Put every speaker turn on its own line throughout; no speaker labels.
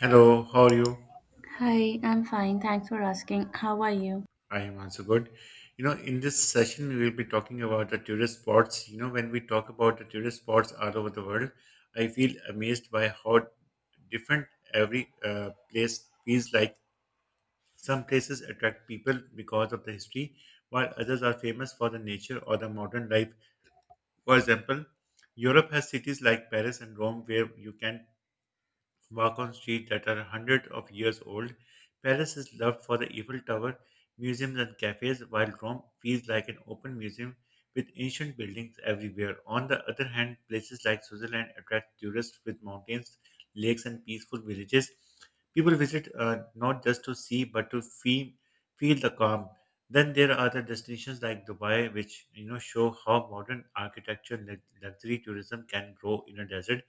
Hello, how are you?
Hi, I'm fine. Thanks for asking. How are you?
I am also good. You know, in this session, we will be talking about the tourist spots. You know, when we talk about the tourist spots all over the world, I feel amazed by how different every place feels like. Some places attract people because of the history, while others are famous for the nature or the modern life. For example, Europe has cities like Paris and Rome where you can walk-on streets that are hundreds of years old. Paris is loved for the Eiffel Tower, museums and cafes, while Rome feels like an open museum with ancient buildings everywhere. On the other hand, places like Switzerland attract tourists with mountains, lakes, and peaceful villages. People visit not just to see but to feel, feel the calm. Then there are other destinations like Dubai, which you know show how modern architecture and luxury tourism can grow in a desert.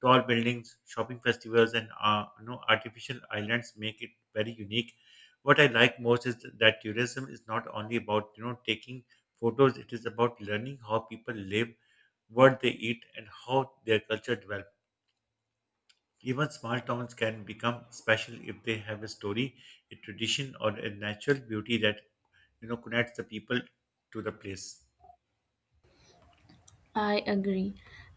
Tall buildings, shopping festivals, and you know, artificial islands make it very unique. What I like most is that tourism is not only about taking photos; it is about learning how people live, what they eat, and how their culture develops. Even small towns can become special if they have a story, a tradition, or a natural beauty that connects the people to the place.
I agree.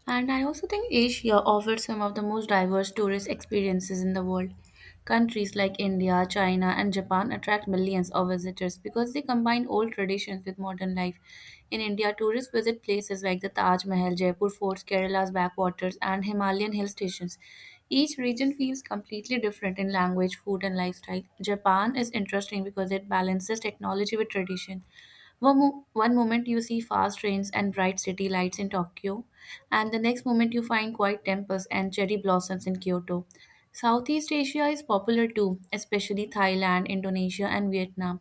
And I also think Asia offers some of the most diverse tourist experiences in the world. Countries like India, China, and Japan attract millions of visitors because they combine old traditions with modern life. In India, tourists visit places like the Taj Mahal, Jaipur forts, Kerala's backwaters, and Himalayan hill stations. Each region feels completely different in language, food, and lifestyle. Japan is interesting because it balances technology with tradition. One moment you see fast trains and bright city lights in Tokyo, and the next moment you find quiet temples and cherry blossoms in Kyoto. Southeast Asia is popular too, especially Thailand, Indonesia, and Vietnam.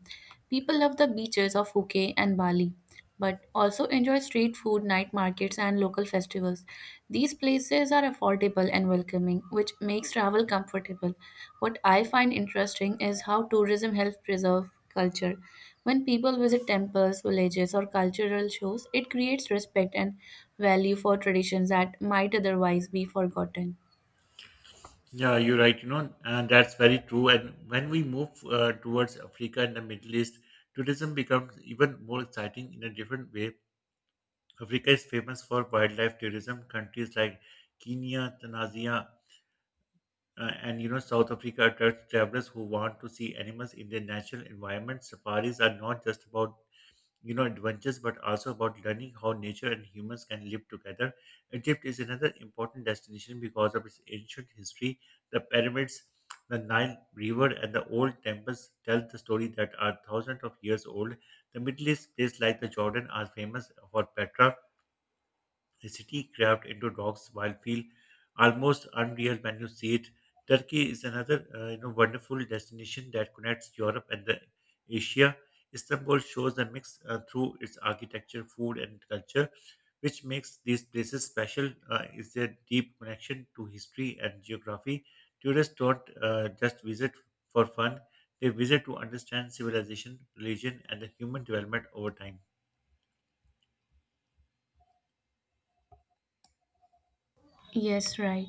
People love the beaches of Phuket and Bali but also enjoy street food, night markets, and local festivals. These places are affordable and welcoming, which makes travel comfortable. What I find interesting is how tourism helps preserve culture. When people visit temples, villages, or cultural shows, it creates respect and value for traditions that might otherwise be forgotten.
Yeah, you're right. You know, and that's very true. And when we move towards Africa and the Middle East, tourism becomes even more exciting in a different way. Africa is famous for wildlife tourism. Countries like Kenya, Tanzania, and you know, South Africa attracts travelers who want to see animals in their natural environment. Safaris are not just about adventures but also about learning how nature and humans can live together. Egypt is another important destination because of its ancient history, the pyramids, the Nile river, and the old temples tell the story that are thousands of years old. The Middle East places like the Jordan are famous for Petra, the city carved into rocks, while feel almost unreal when you see it. Turkey is another you know wonderful destination that connects Europe and the Asia. Istanbul shows the mix through its architecture, food, and culture, which makes these places special. Is their deep connection to history and geography. Tourists don't just visit for fun; they visit to understand civilization, religion, and the human development over time.
Yes, right.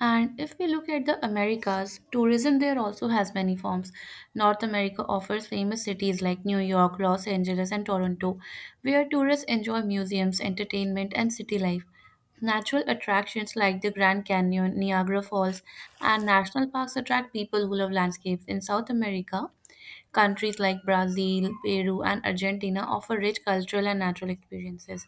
And if we look at the Americas, tourism there also has many forms. North America offers famous cities like New York, Los Angeles, and Toronto, where tourists enjoy museums, entertainment, and city life. Natural attractions like the Grand Canyon, Niagara Falls, and national parks attract people who love landscapes. In South America, countries like Brazil, Peru, and Argentina offer rich cultural and natural experiences.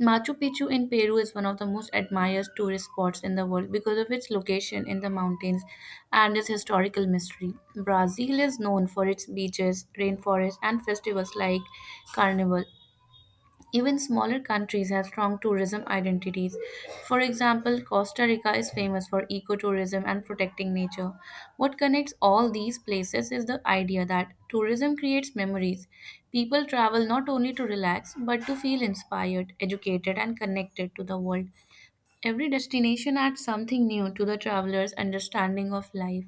Machu Picchu in Peru is one of the most admired tourist spots in the world because of its location in the mountains and its historical mystery. Brazil is known for its beaches, rainforests, and festivals like Carnival. Even smaller countries have strong tourism identities. For example, Costa Rica is famous for ecotourism and protecting nature. What connects all these places is the idea that tourism creates memories. People travel not only to relax, but to feel inspired, educated, and connected to the world. Every destination adds something new to the traveler's understanding of life.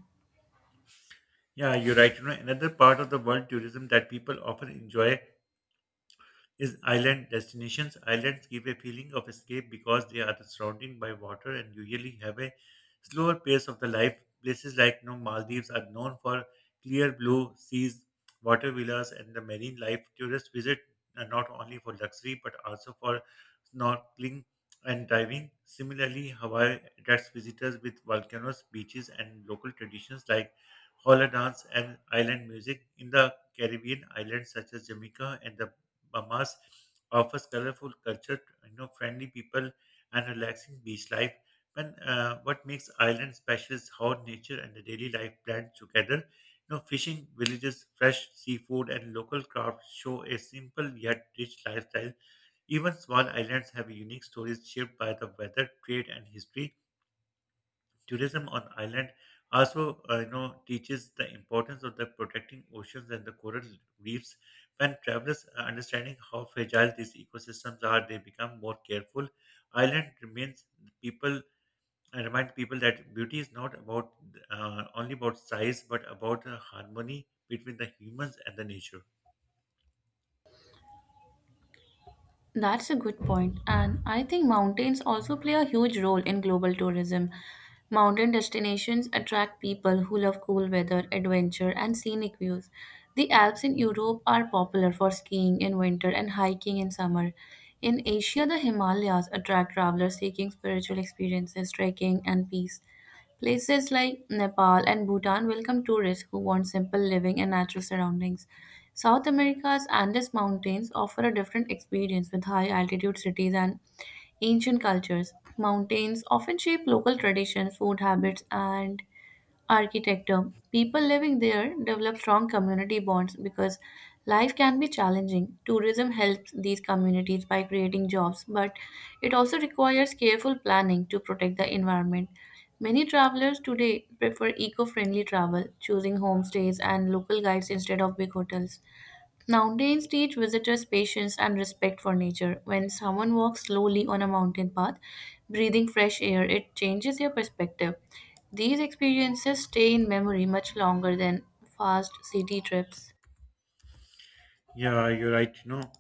Yeah, you're right. You know, another part of the world tourism that people often enjoy is island destinations. Islands give a feeling of escape because they are surrounded by water and usually have a slower pace of the life. Places like you know, Maldives are known for clear blue seas, water villas, and the marine life. Tourists visit not only for luxury but also for snorkeling and diving. Similarly, Hawaii attracts visitors with volcanoes, beaches, and local traditions like hula dance and island music. In the Caribbean islands such as Jamaica and the Bahamas offers colorful culture, you know, friendly people, and relaxing beach life. And what makes island special is how nature and the daily life blend together. You know, fishing villages, fresh seafood, and local crafts show a simple yet rich lifestyle. Even small islands have unique stories shaped by the weather, trade, and history. Tourism on island also you know teaches the importance of the protecting oceans and the coral reefs. When travelers are understanding how fragile these ecosystems are, they become more careful. Island remains people, I remind people that beauty is not about only about size but about harmony between the humans and the nature.
That's a good point, and I think mountains also play a huge role in global tourism. Mountain destinations attract people who love cool weather, adventure, and scenic views. The Alps in Europe are popular for skiing in winter and hiking in summer. In Asia, the Himalayas attract travelers seeking spiritual experiences, trekking, and peace. Places like Nepal and Bhutan welcome tourists who want simple living and natural surroundings. South America's Andes Mountains offer a different experience with high altitude cities and ancient cultures. Mountains often shape local traditions, food habits, and architecture. People living there develop strong community bonds because life can be challenging. Tourism helps these communities by creating jobs, but it also requires careful planning to protect the environment. Many travelers today prefer eco friendly travel, choosing homestays and local guides instead of big hotels. Mountains teach visitors patience and respect for nature. When someone walks slowly on a mountain path, breathing fresh air, it changes your perspective. These experiences stay in memory much longer than fast city trips.
Yeah, you're right. You know,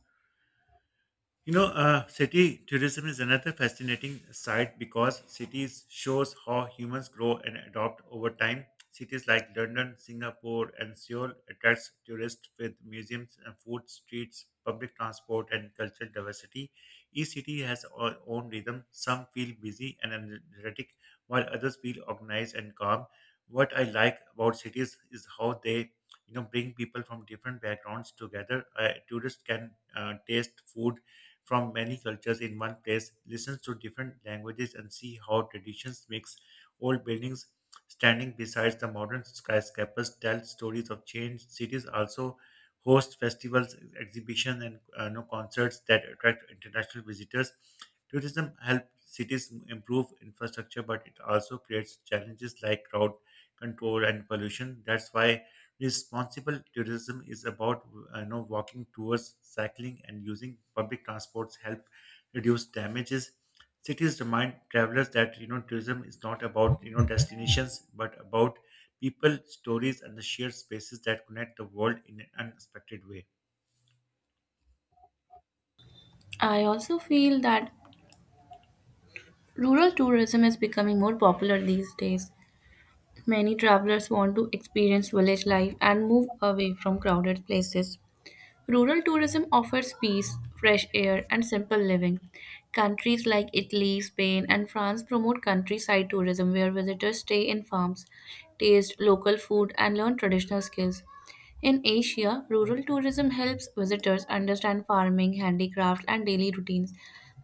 you know, city tourism is another fascinating side because cities shows how humans grow and adopt over time. Cities like London, Singapore, and Seoul attracts tourists with museums and food streets, public transport, and cultural diversity. Each city has own rhythm. Some feel busy and energetic, while others feel organized and calm. What I like about cities is how they, you know, bring people from different backgrounds together. Tourists can taste food from many cultures in one place, listens to different languages, and see how traditions mix. Old buildings standing beside the modern skyscrapers tell stories of change. Cities also host festivals, exhibitions, and you know, concerts that attract international visitors. Tourism helps cities improve infrastructure, but it also creates challenges like crowd control and pollution. That's why responsible tourism is about you know walking tours, cycling, and using public transports help reduce damages. Cities remind travelers that tourism is not about destinations, but about people, stories, and the shared spaces that connect the world in an unexpected way.
I also feel that rural tourism is becoming more popular these days. Many travelers want to experience village life and move away from crowded places. Rural tourism offers peace, fresh air, and simple living. Countries like Italy, Spain, and France promote countryside tourism where visitors stay in farms, taste local food, and learn traditional skills. In Asia, rural tourism helps visitors understand farming, handicrafts, and daily routines.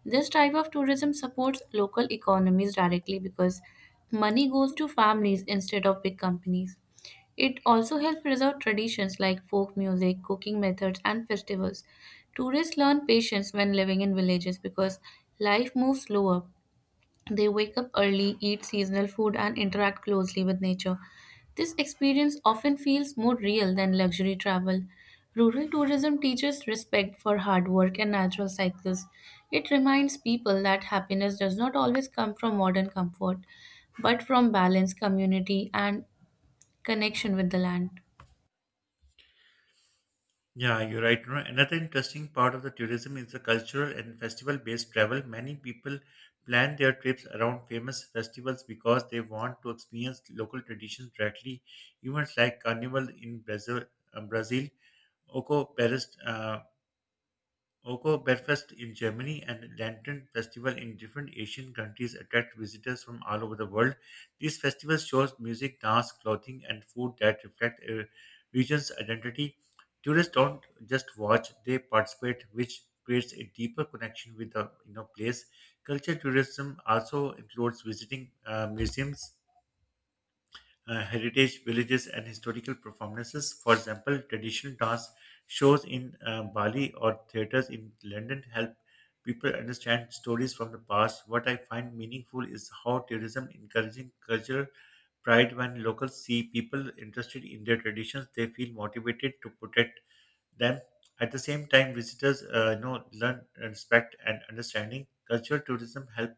This type of tourism supports local economies directly because money goes to families instead of big companies. It also helps preserve traditions like folk music, cooking methods, and festivals. Tourists learn patience when living in villages because life moves slower. They wake up early, eat seasonal food, and interact closely with nature. This experience often feels more real than luxury travel. Rural tourism teaches respect for hard work and natural cycles. It reminds people that happiness does not always come from modern comfort, but from balance, community, and connection with the land.
Yeah, you're right. You know, another interesting part of the tourism is the cultural and festival-based travel. Many people plan their trips around famous festivals because they want to experience local traditions directly. Events like Carnival in Brazil, uh, Brazil, Oco Paris, Oko Bergfest in Germany and Lantern Festival in different Asian countries attract visitors from all over the world. These festivals show music, dance, clothing, and food that reflect a region's identity. Tourists don't just watch; they participate, which creates a deeper connection with the place. Culture tourism also includes visiting museums, heritage villages and historical performances. For example, traditional dance shows in Bali or theaters in London help people understand stories from the past. What I find meaningful is how tourism encouraging cultural pride. When locals see people interested in their traditions, they feel motivated to protect them. At the same time, visitors you know learn respect and understanding. Cultural tourism help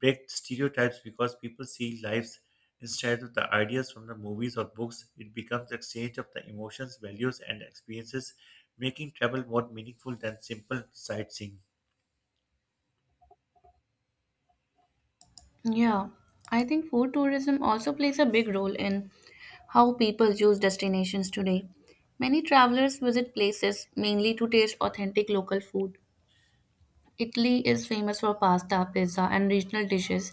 break stereotypes because people see lives instead of the ideas from the movies or books. It becomes exchange of the emotions, values, and experiences, making travel more meaningful than simple sightseeing.
Yeah, I think food tourism also plays a big role in how people choose destinations today. Many travelers visit places mainly to taste authentic local food. Italy is famous for pasta, pizza, and regional dishes,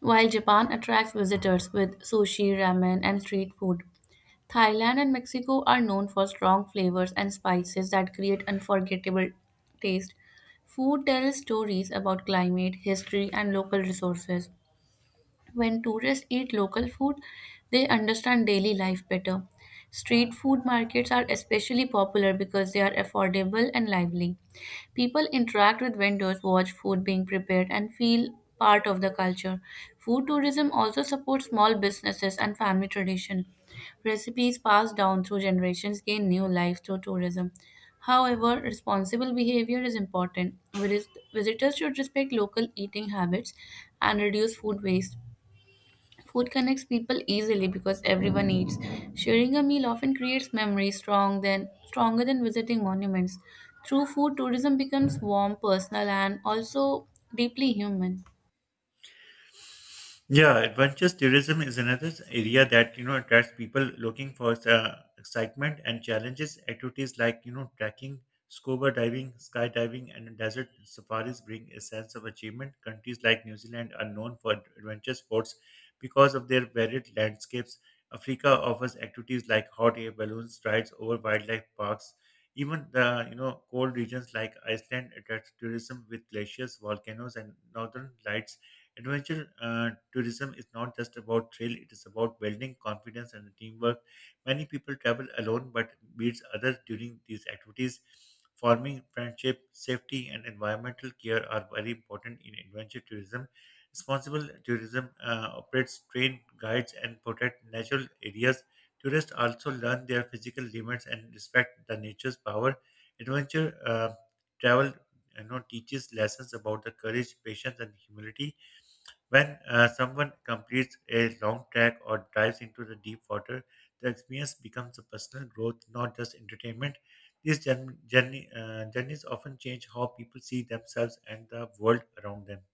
while Japan attracts visitors with sushi, ramen, and street food. Thailand and Mexico are known for strong flavors and spices that create unforgettable taste. Food tells stories about climate, history, and local resources. When tourists eat local food, they understand daily life better. Street food markets are especially popular because they are affordable and lively. People interact with vendors, watch food being prepared, and feel part of the culture. Food tourism also supports small businesses and family tradition. Recipes passed down through generations gain new life through tourism. However, responsible behavior is important. Visitors should respect local eating habits and reduce food waste. Food connects people easily because everyone eats. Sharing a meal often creates memories stronger than visiting monuments. Through food, tourism becomes warm, personal, and also deeply human.
Yeah, adventure tourism is another area that you know attracts people looking for excitement and challenges. Activities like you know trekking, scuba diving, skydiving, and desert safaris bring a sense of achievement. Countries like New Zealand are known for adventure sports because of their varied landscapes. Africa offers activities like hot air balloons, rides over wildlife parks. Even the you know cold regions like Iceland attract tourism with glaciers, volcanoes, and northern lights. Adventure tourism is not just about thrill, it is about building confidence and teamwork. Many people travel alone but meets others during these activities. Forming friendship, safety, and environmental care are very important in adventure tourism. Responsible tourism operates train guides and protect natural areas. Tourists also learn their physical limits and respect the nature's power. Adventure travel you know, teaches lessons about the courage, patience, and humility. When someone completes a long trek or dives into the deep water, the experience becomes a personal growth, not just entertainment. These journeys often change how people see themselves and the world around them.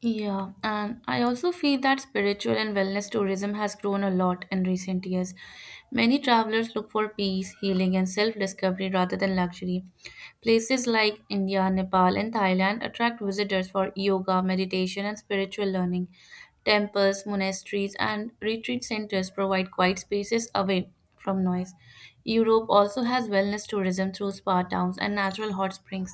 Yeah, and I also feel that spiritual and wellness tourism has grown a lot in recent years. Many travelers look for peace, healing, and self discovery rather than luxury. Places like India, Nepal, and Thailand attract visitors for yoga, meditation, and spiritual learning. Temples, monasteries, and retreat centers provide quiet spaces away from noise. Europe also has wellness tourism through spa towns and natural hot springs.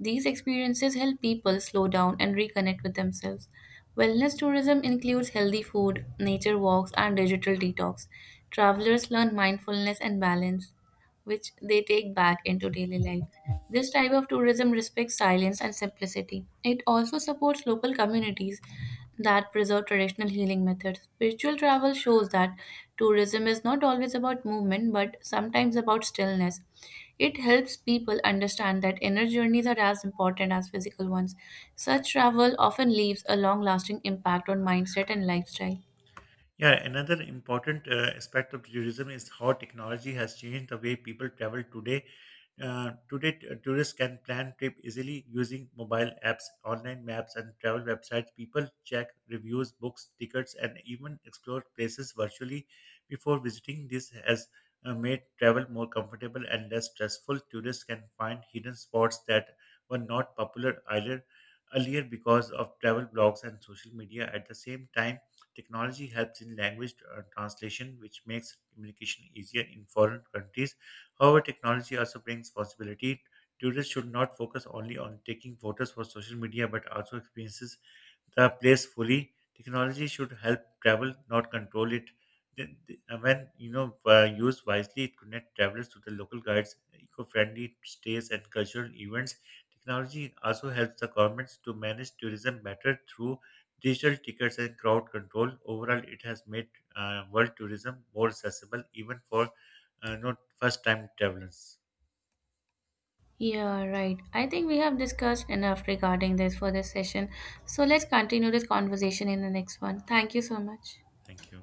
These experiences help people slow down and reconnect with themselves. Wellness tourism includes healthy food, nature walks, and digital detox. Travelers learn mindfulness and balance which they take back into daily life. This type of tourism respects silence and simplicity. It also supports local communities that preserve traditional healing methods. Spiritual travel shows that tourism is not always about movement but sometimes about stillness. It helps people understand that inner journeys are as important as physical ones. Such travel often leaves a long lasting impact on mindset and lifestyle.
Yeah, another important aspect of tourism is how technology has changed the way people travel today. Today, tourists can plan trip easily using mobile apps, online maps, and travel websites. People check reviews, books, tickets, and even explore places virtually before visiting. This has made travel more comfortable and less stressful. Tourists can find hidden spots that were not popular either earlier because of travel blogs and social media. At the same time, technology helps in language translation, which makes communication easier in foreign countries. However, technology also brings possibility. Tutors should not focus only on taking photos for social media, but also experiences the place fully. Technology should help travel, not control it. When you know used wisely, it connects travelers to the local guides, eco-friendly stays, and cultural events. Technology also helps the governments to manage tourism better through digital tickets and crowd control. Overall, it has made world tourism more accessible, even for not first-time travelers.
Yeah, right. I think we have discussed enough regarding this for this session. So let's continue this conversation in the next one. Thank you so much.
Thank you.